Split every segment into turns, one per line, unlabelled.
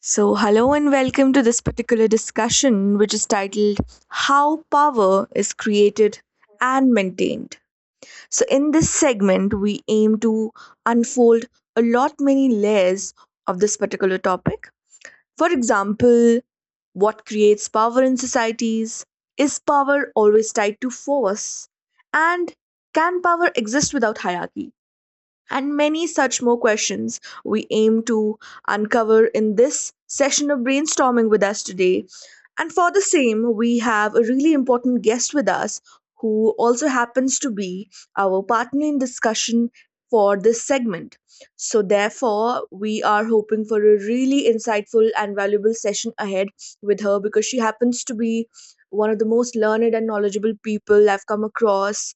So, hello and welcome to this particular discussion, which is titled How Power is Created and Maintained. So, in this segment, we aim to unfold a lot many layers of this particular topic. For example, what creates power in societies? Is power always tied to force? And can power exist without hierarchy? And many such more questions we aim to uncover in this session of brainstorming with us today. And for the same, we have a really important guest with us who also happens to be our partner in discussion for this segment. So, therefore, we are hoping for a really insightful and valuable session ahead with her because she happens to be one of the most learned and knowledgeable people I've come across.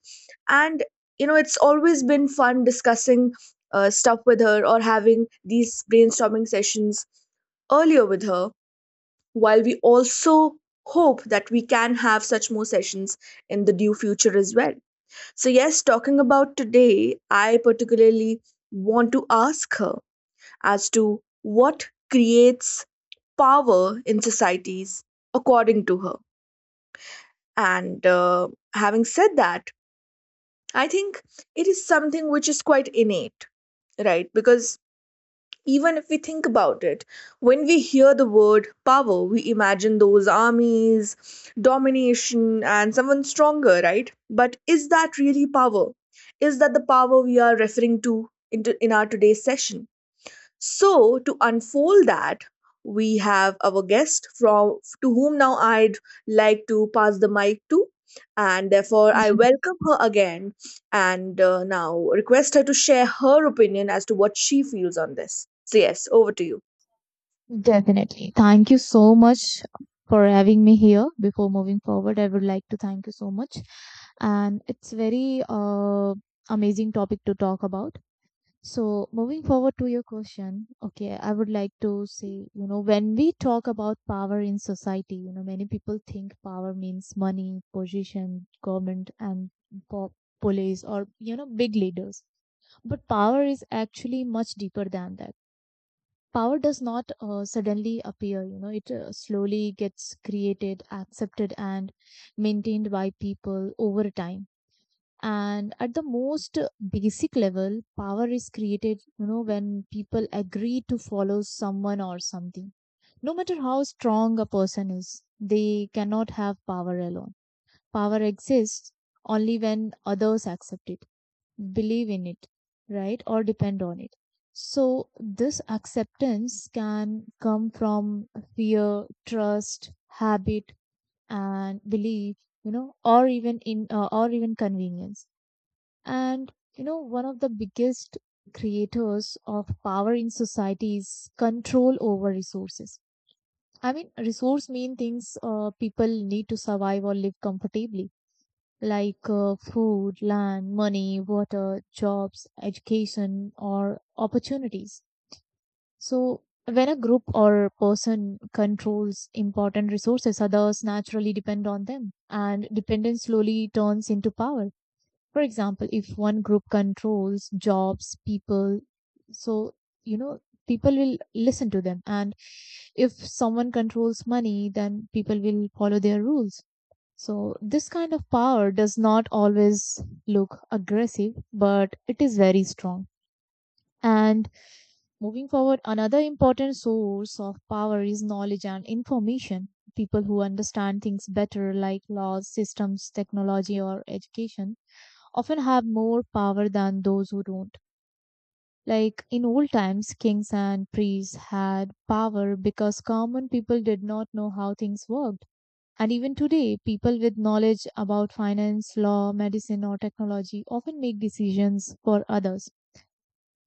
And you know it's always been fun discussing stuff with her or having these brainstorming sessions earlier with her while we also hope that we can have such more sessions in the due future as well. So yes, talking about today, I particularly want to ask her as to what creates power in societies according to her. And having said that, I think it is something which is quite innate, right? Because even if we think about it, when we hear the word power, we imagine those armies, domination, and someone stronger, right? But is that really power? Is that the power we are referring to in our today's session? So, to unfold that, we have our guest from to whom now I'd like to pass the mic to, and therefore I welcome her again and now request her to share her opinion as to what she feels on this. So, yes, over to you.
Definitely. Thank you so much for having me here. Before moving forward, I would like to thank you so much. And it's very amazing topic to talk about. So moving forward to your question, okay, I would like to say, you know, when we talk about power in society, you know, many people think power means money, position, government, and po- police, or you know, big leaders, But power is actually much deeper than that. Power does not suddenly appear, you know, it slowly gets created, accepted, and maintained by people over time. And at the most basic level, power is created, you know, when people agree to follow someone or something. No matter how strong a person is, they cannot have power alone. Power exists only when others accept it, believe in it, right? Or depend on it. So, this acceptance can come from fear, trust, habit, and belief, you know, or even convenience. And, you know, one of the biggest creators of power in society is control over resources. I mean, resource mean things people need to survive or live comfortably, like food, land, money, water, jobs, education, or opportunities. So, when a group or person controls important resources, others naturally depend on them, and dependence slowly turns into power. For example, if one group controls jobs, people, so you know, people will listen to them, and if someone controls money, then people will follow their rules. So, this kind of power does not always look aggressive, but it is very strong. And moving forward, another important source of power is knowledge and information. People who understand things better, like laws, systems, technology, or education, often have more power than those who don't. Like in old times, kings and priests had power because common people did not know how things worked. And even today, people with knowledge about finance, law, medicine, or technology often make decisions for others.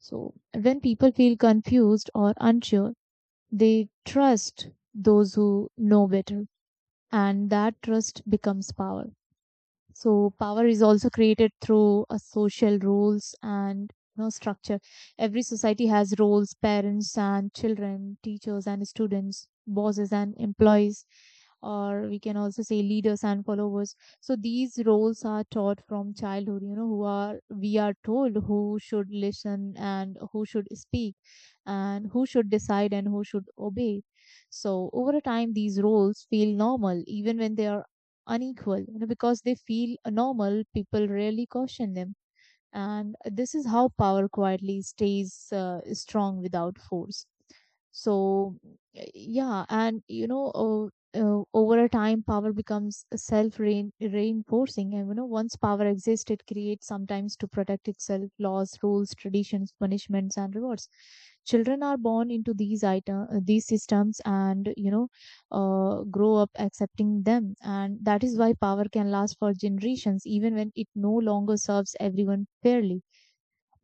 So, when people feel confused or unsure, they trust those who know better, and that trust becomes power. So power is also created through a social roles and, you know, structure. Every society has roles, parents and children, teachers and students, bosses and employees, or we can also say leaders and followers. So these roles are taught from childhood, you know, who are we are told who should listen and who should speak and who should decide and who should obey. So over a time, these roles feel normal even when they are unequal, you know, because they feel normal people rarely caution them. And this is how power quietly stays strong without force. So, yeah, and you know, over a time, power becomes self reinforcing. And you know, once power exists, it creates sometimes to protect itself laws, rules, traditions, punishments, and rewards. Children are born into these systems, and you know, grow up accepting them. And that is why power can last for generations, even when it no longer serves everyone fairly.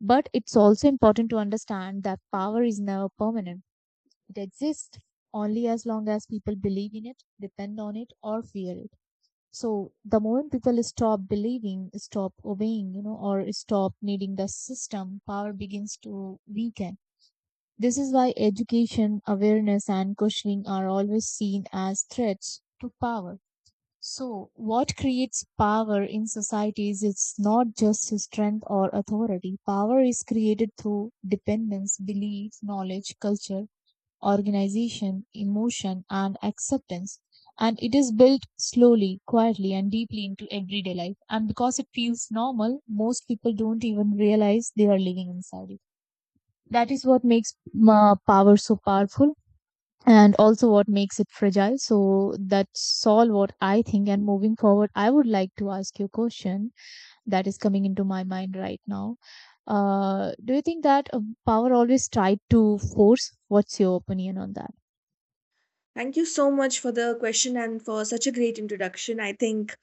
But it's also important to understand that power is never permanent. It exists only as long as people believe in it, depend on it, or fear it. So the moment people stop believing, stop obeying, you know, or stop needing the system, power begins to weaken. This is why education, awareness, and questioning are always seen as threats to power. So, what creates power in societies is not just strength or authority. Power is created through dependence, belief, knowledge, culture, organization, emotion, and acceptance. And it is built slowly, quietly, and deeply into everyday life. And because it feels normal, most people don't even realize they are living inside it. That is what makes power so powerful and also what makes it fragile. So that's all what I think. And moving forward, I would like to ask you a question that is coming into my mind right now. Do you think that power always tried to force? What's your opinion on that?
Thank you so much for the question and for such a great introduction. I think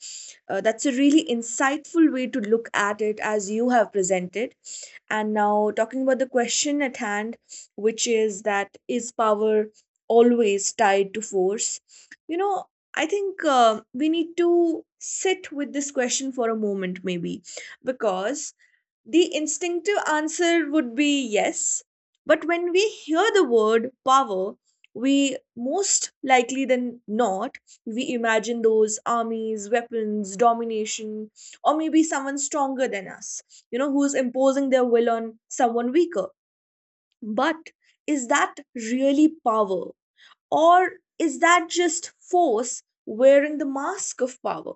that's a really insightful way to look at it as you have presented. And now, talking about the question at hand, which is that is power always tied to force? You know, I think we need to sit with this question for a moment, maybe, because the instinctive answer would be yes. But when we hear the word power, we most likely than not, we imagine those armies, weapons, domination, or maybe someone stronger than us, you know, who's imposing their will on someone weaker. But is that really power? Or is that just force wearing the mask of power?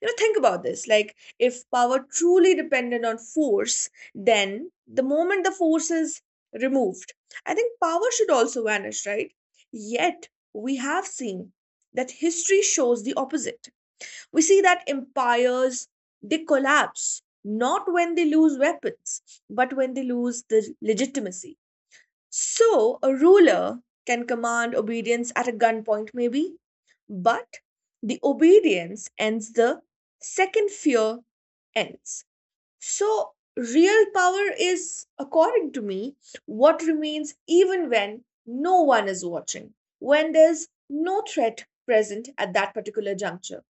You know, think about this. Like, if power truly depended on force, then the moment the force is removed, I think power should also vanish, right? Yet, we have seen that history shows the opposite. We see that empires, they collapse not when they lose weapons, but when they lose the legitimacy. So, a ruler can command obedience at a gunpoint, maybe, but the obedience ends the second fear ends. So, real power is, according to me, what remains even when no one is watching, when there's no threat present at that particular juncture.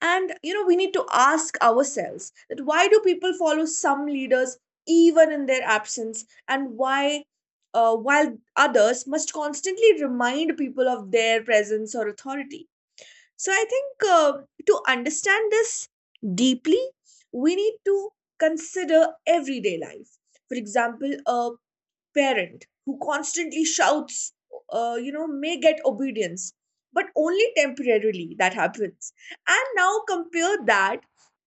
And you know, we need to ask ourselves that why do people follow some leaders even in their absence, and why while others must constantly remind people of their presence or authority. So I think to understand this deeply, we need to consider everyday life. For example, a parent who constantly shouts, you know, may get obedience, but only temporarily that happens. And now compare that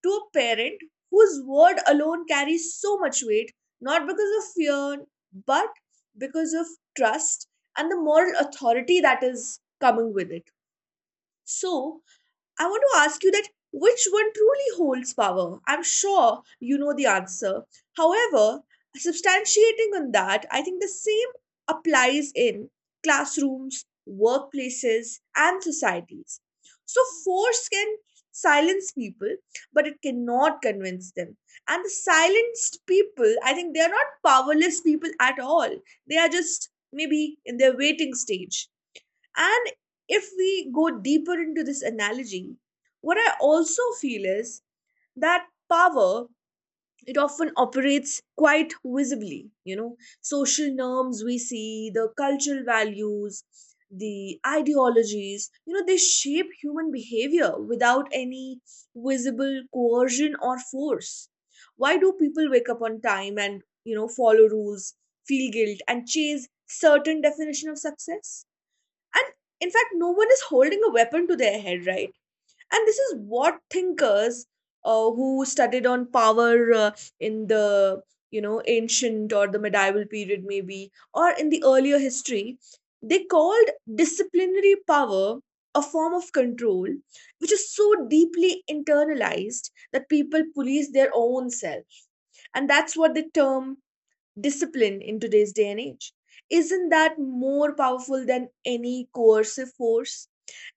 to a parent whose word alone carries so much weight, not because of fear, but because of trust and the moral authority that is coming with it. So, I want to ask you that which one truly holds power? I'm sure you know the answer. However, substantiating on that, I think the same applies in classrooms, workplaces, and societies. So, force can silence people, but it cannot convince them. And the silenced people, I think they are not powerless people at all. They are just maybe in their waiting stage. And if we go deeper into this analogy, what I also feel is that power, it often operates quite visibly. You know, social norms, we see the cultural values, the ideologies, you know, they shape human behavior without any visible coercion or force. Why do people wake up on time and you know follow rules, feel guilt, and chase certain definition of success? And in fact, no one is holding a weapon to their head, right? And this is what thinkers who studied on power in the you know ancient or the medieval period, maybe, or in the earlier history, they called disciplinary power, a form of control which is so deeply internalized that people police their own self, and that's what they term discipline in today's day and age. Isn't that more powerful than any coercive force?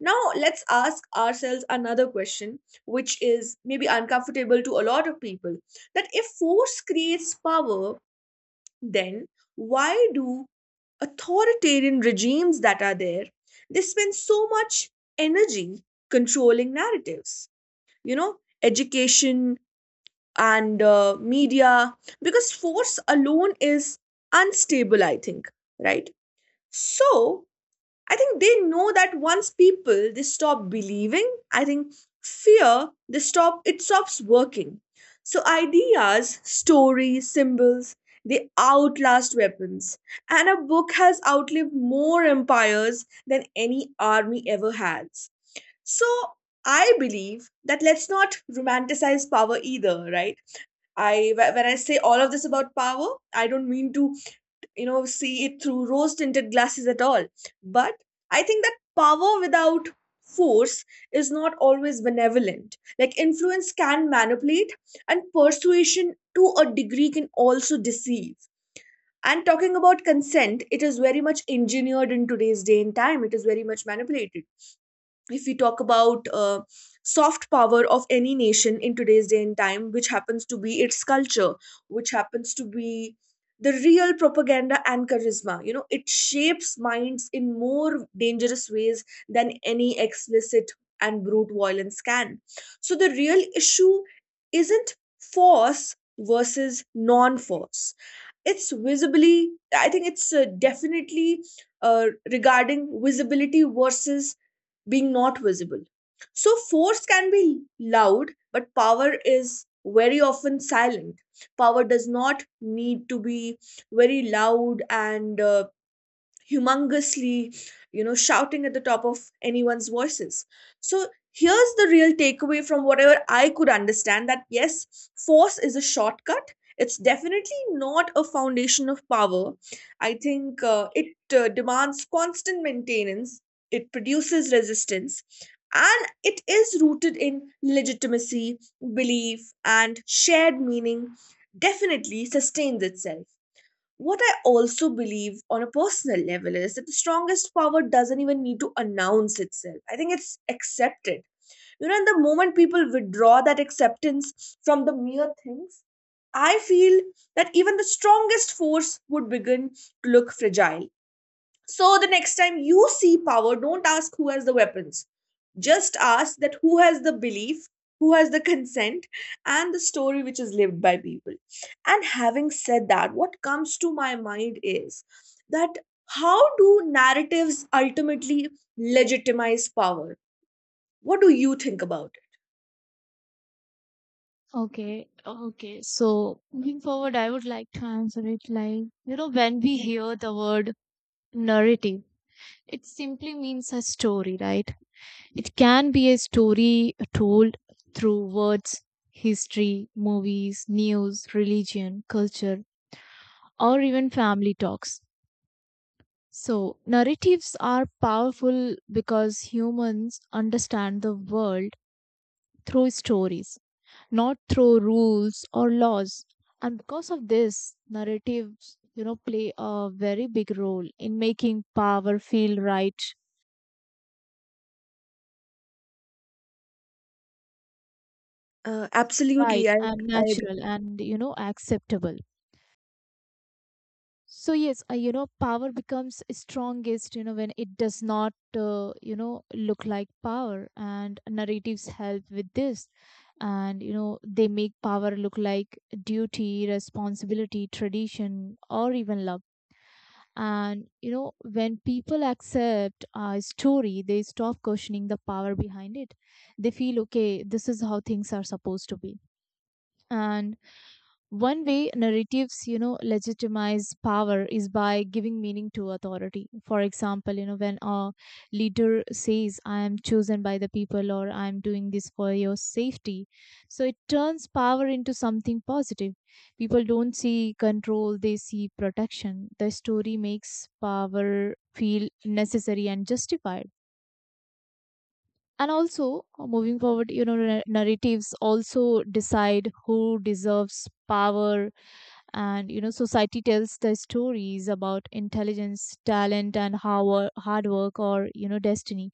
Now, let's ask ourselves another question, which is maybe uncomfortable to a lot of people, that if force creates power, then why do authoritarian regimes that are there, they spend so much energy controlling narratives, you know, education and media, because force alone is unstable, I think, right? So I think they know that once people they stop believing, I think fear, they stop it stops working. So ideas, stories, symbols, they outlast weapons, and a book has outlived more empires than any army ever has. So I believe that let's not romanticize power either, right? When I say all of this about power, I don't mean to you know see it through rose tinted glasses at all. But I think that power without force is not always benevolent. Like influence can manipulate, and persuasion to a degree can also deceive. And talking about consent, it is very much engineered in today's day and time. It is very much manipulated if we talk about soft power of any nation in today's day and time, which happens to be its culture, which happens to be the real propaganda and charisma. You know, it shapes minds in more dangerous ways than any explicit and brute violence can. So the real issue isn't force versus non-force. It's visibly, I think it's definitely regarding visibility versus being not visible. So force can be loud, but power is very often silent. Power does not need to be very loud and humongously you know shouting at the top of anyone's voices. So here's the real takeaway from whatever I could understand, that yes, force is a shortcut, it's definitely not a foundation of power. I think it demands constant maintenance, it produces resistance, and it is rooted in legitimacy, belief, and shared meaning. Definitely sustains itself. What I also believe on a personal level is that the strongest power doesn't even need to announce itself. I think it's accepted. You know, and the moment people withdraw that acceptance from the mere things, I feel that even the strongest force would begin to look fragile. So the next time you see power, don't ask who has the weapons. Just ask that who has the belief, who has the consent, and the story which is lived by people. And having said that, what comes to my mind is that how do narratives ultimately legitimize power? What do you think about it?
Okay, okay. So moving forward, I would like to answer it like, you know, when we hear the word narrative, it simply means a story, right? It can be a story told through words, history, movies, news, religion, culture, or even family talks. So, narratives are powerful because humans understand the world through stories, not through rules or laws. And because of this, narratives, you know, play a very big role in making power feel right,
Absolutely,
right
I
and
I
natural and, you know, acceptable. So yes, you know, power becomes strongest, you know, when it does not, you know, look like power, and narratives help with this. And you know, they make power look like duty, responsibility, tradition, or even love. And you know, when people accept a story, they stop questioning the power behind it. They feel okay, this is how things are supposed to be. And one way narratives, you know, legitimize power is by giving meaning to authority. For example, you know, when a leader says, I am chosen by the people or I am doing this for your safety, so it turns power into something positive. People don't see control, they see protection. The story makes power feel necessary and justified. And also uh, moving forward, you know, narratives also decide who deserves power. And you know, society tells the stories about intelligence, talent, and how hard work or you know destiny.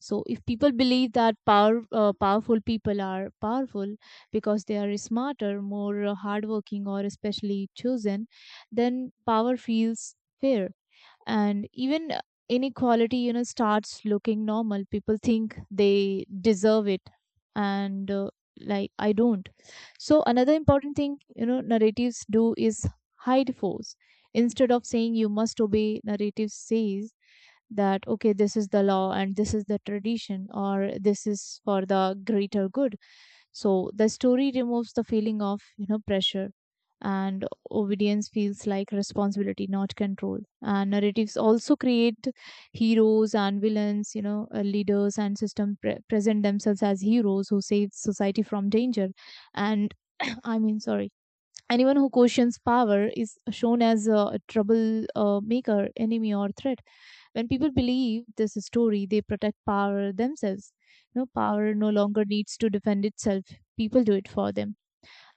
So if people believe that powerful people are powerful because they are smarter, more hardworking, or especially chosen, then power feels fair. And even inequality, you know, starts looking normal. People think they deserve it. And like I don't So another important thing, you know, narratives do is hide force. Instead of saying you must obey, narrative says that okay, this is the law and this is the tradition, or this is for the greater good. So the story removes the feeling of, you know, pressure, and obedience feels like responsibility, not control. And narratives also create heroes and villains, you know, leaders and system present themselves as heroes who save society from danger. And I mean, sorry, anyone who questions power is shown as a trouble maker, enemy, or threat. When people believe this story, they protect power themselves. No, power no longer needs to defend itself. People do it for them.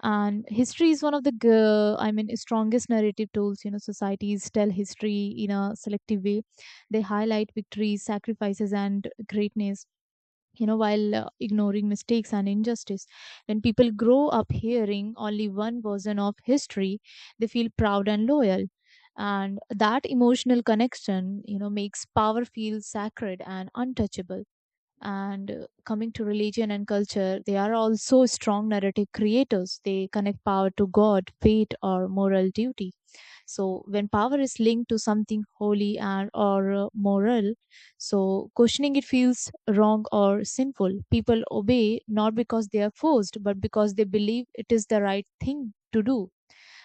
And history is one of the I mean, strongest narrative tools. You know, societies tell history in a selective way. They highlight victories, sacrifices, and greatness, you know, while ignoring mistakes and injustice. When people grow up hearing only one version of history, they feel proud and loyal. And that emotional connection, you know, makes power feel sacred and untouchable. And coming to religion and culture, they are also strong narrative creators. They connect power to God, fate, or moral duty. So when power is linked to something holy and or moral, so questioning it feels wrong or sinful. People obey not because they are forced, but because they believe it is the right thing to do.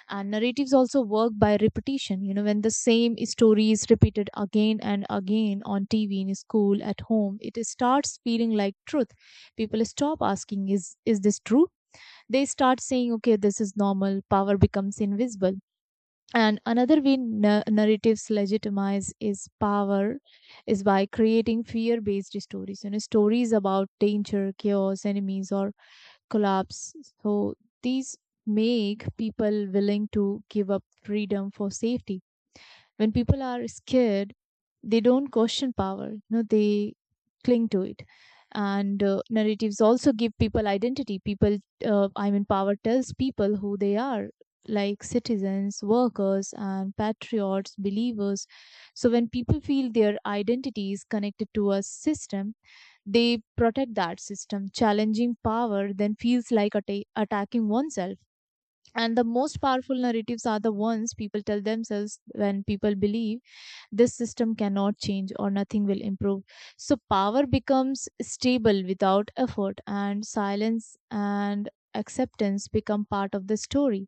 And narratives also work by repetition. You know, when the same story is repeated again and again on TV, in school, at home, it starts feeling like truth. People stop asking, "Is this true?" They start saying, "Okay, this is normal." Power becomes invisible. And another way narratives legitimize is power is by creating fear-based stories, you know, stories about danger, chaos, enemies, or collapse. So these make people willing to give up freedom for safety. When people are scared, they don't question power, you know, they cling to it. And narratives also give people identity. People I mean Power tells people who they are, like citizens, workers, and patriots, believers. So when people feel their identity is connected to a system, they protect that system. Challenging power then feels like attacking oneself. And the most powerful narratives are the ones people tell themselves. When people believe this system cannot change or nothing will improve, so power becomes stable without effort, and silence and acceptance become part of the story.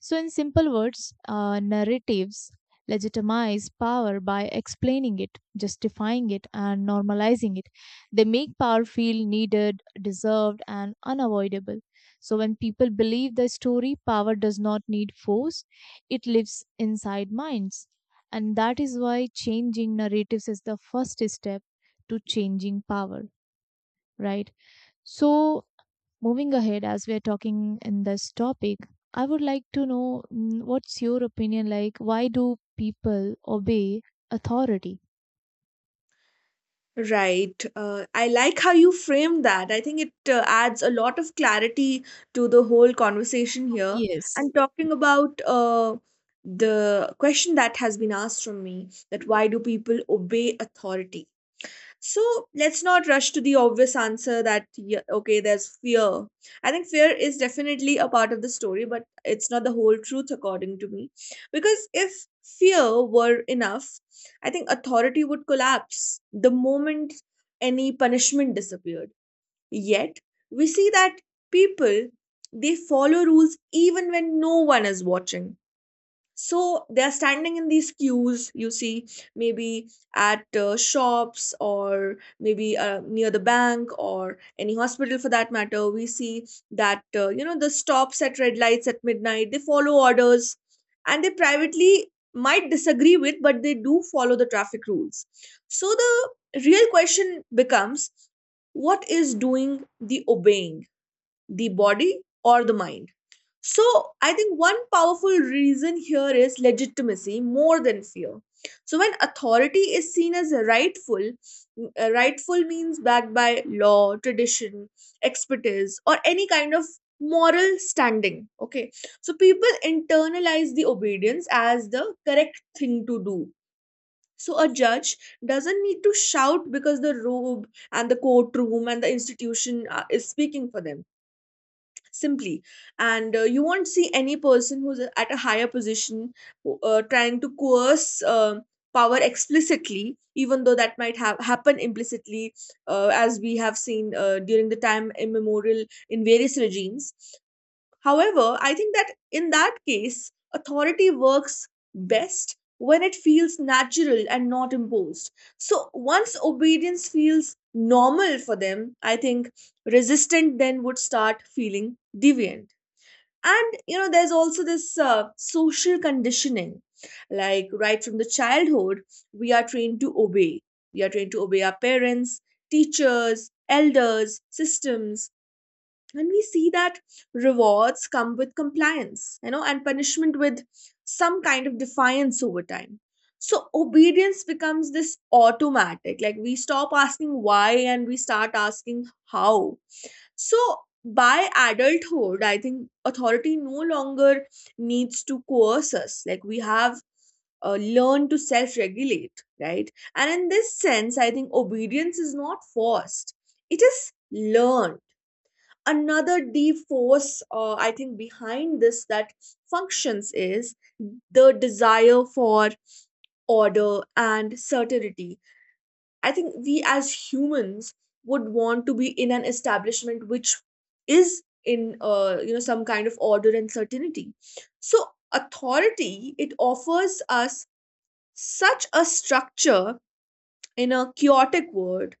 So, in simple words, narratives legitimize power by explaining it, justifying it, and normalizing it. They make power feel needed, deserved, and unavoidable. So, when people believe the story, power does not need force, it lives inside minds. And that is why changing narratives is the first step to changing power, right? So, moving ahead, as we are talking in this topic, I would like to know what's your opinion like? Why do people obey authority?
Right. I like how you framed that. I think it adds a lot of clarity to the whole conversation here.
Yes.
And talking about the question that has been asked from me, that why do people obey authority? So let's not rush to the obvious answer that, yeah, okay, there's fear. I think fear is definitely a part of the story, but it's not the whole truth, according to me. Because if fear were enough, I think authority would collapse the moment any punishment disappeared. Yet, we see that people they follow rules even when no one is watching. So they're standing in these queues, you see, maybe at shops or maybe near the bank or any hospital for that matter. We see that you know the stops at red lights at midnight, they follow orders, and they privately might disagree with, but they do follow the traffic rules. So the real question becomes, what is doing the obeying, the body or the mind? So I think one powerful reason here is legitimacy more than fear. So when authority is seen as rightful, rightful means backed by law, tradition, expertise, or any kind of moral standing. Okay, so people internalize the obedience as the correct thing to do. So a judge doesn't need to shout because the robe and the courtroom and the institution is speaking for them simply, and you won't see any person who's at a higher position who, trying to coerce power explicitly, even though that might have happen implicitly, as we have seen during the time immemorial in various regimes. However, I think that in that case, authority works best when it feels natural and not imposed. So once obedience feels normal for them, I think resistant then would start feeling deviant. And you know, there's also this social conditioning. Like right from the childhood, we are trained to obey. We are trained to obey our parents, teachers, elders, systems, and we see that rewards come with compliance, you know, and punishment with some kind of defiance over time. So obedience becomes this automatic, like we stop asking why and we start asking how. So by adulthood, I think authority no longer needs to coerce us, like we have learned to self regulate, right? And in this sense, I think obedience is not forced, it is learned. Another deep force I think behind this that functions is the desire for order and certainty. I think we as humans would want to be in an establishment which is in you know, some kind of order and certainty. So authority, it offers us such a structure in a chaotic world,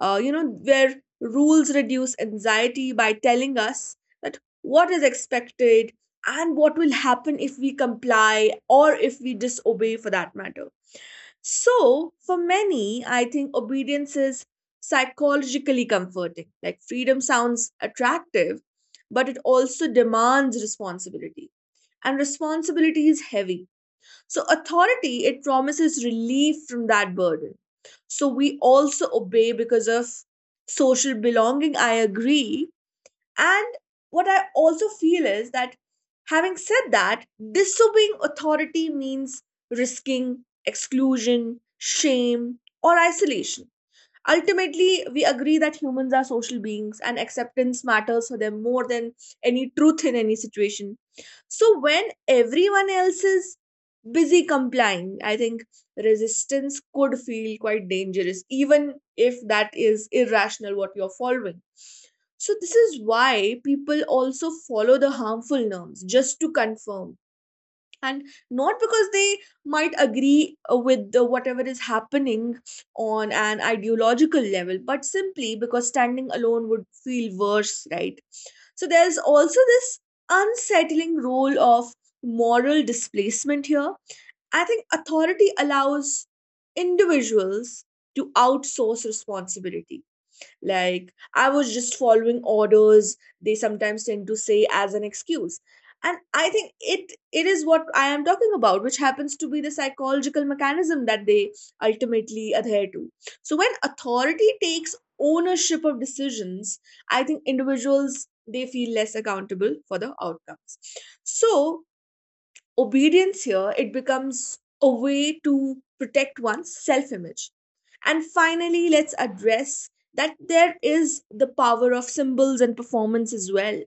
you know, where rules reduce anxiety by telling us that what is expected and what will happen if we comply or if we disobey for that matter. So, for many, I think obedience is psychologically comforting. Like, freedom sounds attractive, but it also demands responsibility. And responsibility is heavy, so authority, it promises relief from that burden. So, we also obey because of social belonging. I agree. And what I also feel is that, having said that, disobeying authority means risking exclusion, shame, or isolation. Ultimately, we agree that humans are social beings and acceptance matters for them more than any truth in any situation. So, when everyone else is busy complying, I think resistance could feel quite dangerous, even if that is irrational what you're following. So, this is why people also follow the harmful norms just to confirm, and not because they might agree with the, whatever is happening on an ideological level, but simply because standing alone would feel worse, right? So there's also this unsettling role of moral displacement here. I think authority allows individuals to outsource responsibility, like I was just following orders, they sometimes tend to say as an excuse. And I think it is what I am talking about, which happens to be the psychological mechanism that they ultimately adhere to. So when authority takes ownership of decisions, I think individuals, they feel less accountable for the outcomes. So obedience here, it becomes a way to protect one's self image. And finally, let's address that there is the power of symbols and performance as well.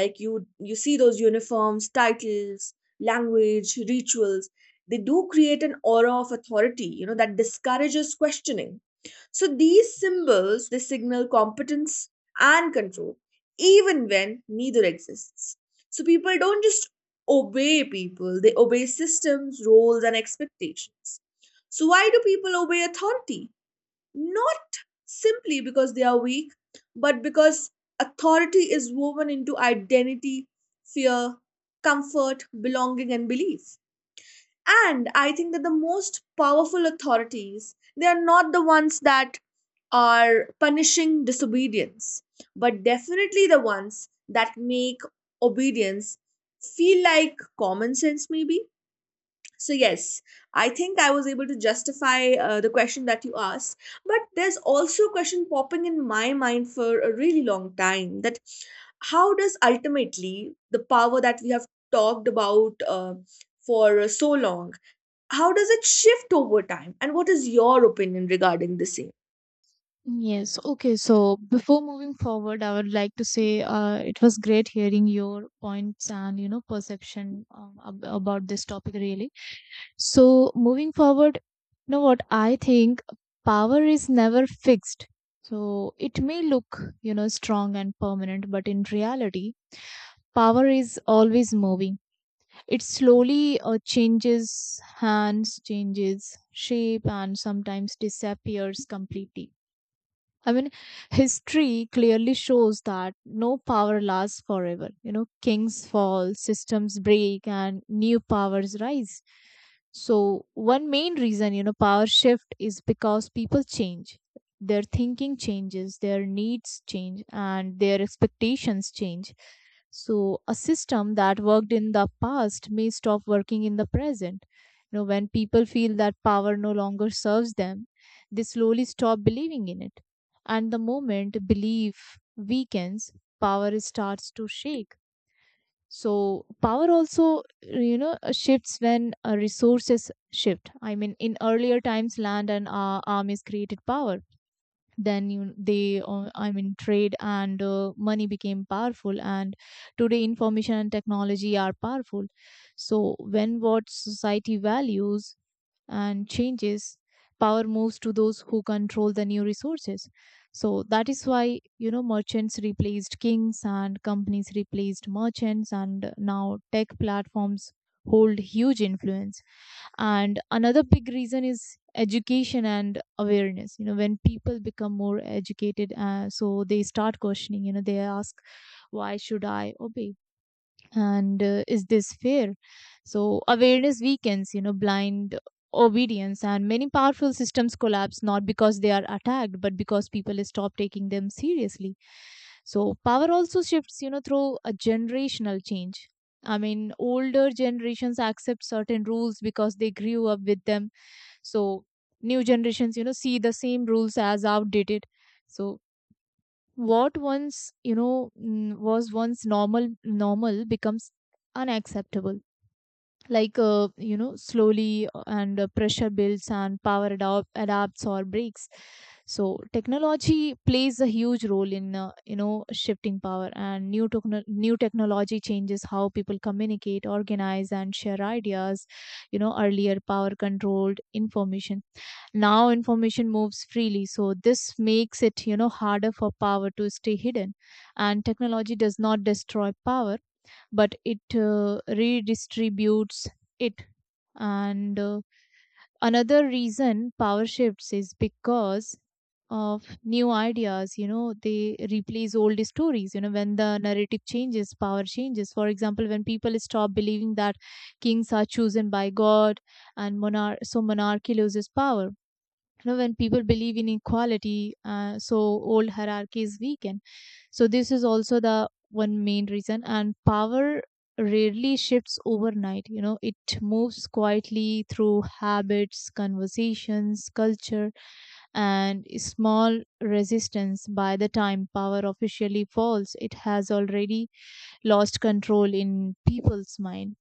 Like you see those uniforms, titles, language, rituals, they do create an aura of authority, you know, that discourages questioning. So these symbols, they signal competence and control even when neither exists. So people don't just obey people, they obey systems, roles, and expectations. So, why do people obey authority? Not simply because they are weak, but because authority is woven into identity, fear, comfort, belonging, and belief. And I think that the most powerful authorities, they are not the ones that are punishing disobedience, but definitely the ones that make obedience feel like common sense maybe. So yes, I think I was able to justify the question that you asked. But there's also a question popping in my mind for a really long time, that how does ultimately the power that we have talked about for so long, how does it shift over time, and what is your opinion regarding the same?
Yes, okay. So before moving forward, I would like to say it was great hearing your points and you know perception about this topic really. So moving forward, you know what I think, power is never fixed. So it may look strong and permanent, but in reality, power is always moving. It slowly changes hands, changes shape, and sometimes disappears completely. I mean, History clearly shows that no power lasts forever. Kings fall, systems break, and new powers rise. So, one main reason, power shift is because people change. Their thinking changes, their needs change, and their expectations change. So, a system that worked in the past may stop working in the present. When people feel that power no longer serves them, they slowly stop believing in it, and the moment belief weakens, power starts to shake. So power also shifts when resources shift. In earlier times, land and armies created power. Then you they I mean trade and money became powerful, and today information and technology are powerful. So when what society values and changes, power moves to those who control the new resources. So that is why merchants replaced kings, and companies replaced merchants, and now tech platforms hold huge influence. And another big reason is education and awareness. When people become more educated, so they start questioning. They ask, why should I obey, and is this fair? So awareness weakens blind obedience, and many powerful systems collapse not because they are attacked, but because people stop taking them seriously. So power also shifts through a generational change. Older generations accept certain rules because they grew up with them. So new generations see the same rules as outdated. So what once you know mm, was once normal becomes unacceptable. Like, slowly, and pressure builds, and power adapts or breaks. So technology plays a huge role in shifting power, and new technology changes how people communicate, organize, and share ideas. Earlier, power controlled information. Now information moves freely, so this makes it harder for power to stay hidden. And technology does not destroy power, but it redistributes it. And another reason power shifts is because of new ideas. They replace old stories. When the narrative changes, power changes. For example, when people stop believing that kings are chosen by God, so monarchy loses power. When people believe in equality, so old hierarchies weaken. So this is also the one main reason. And power rarely shifts overnight. It moves quietly through habits, conversations, culture, and small resistance. By the time power officially falls, it has already lost control in people's mind.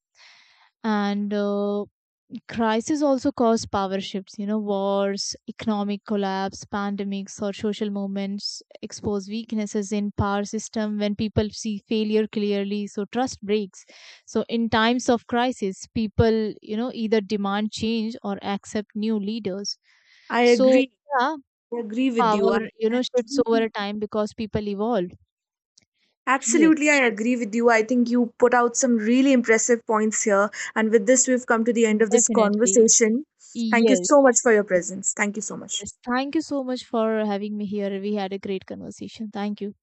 And crises also cause power shifts. Wars, economic collapse, pandemics, or social movements expose weaknesses in power system. When people see failure clearly, so trust breaks. So in times of crisis, people either demand change or accept new leaders.
I
So,
agree.
yeah,
I agree with you.
power
I
shifts
absolutely,
over a time because people evolve. Yes,
absolutely I agree with you. I think you put out some really impressive points here. And with this, we've come to the end of this
definitely.
conversation. Thank you
Yes.
so much for your
Yes,
presence. Thank you so much.
Yes, thank you so much for having me here. We had a great conversation. Thank you.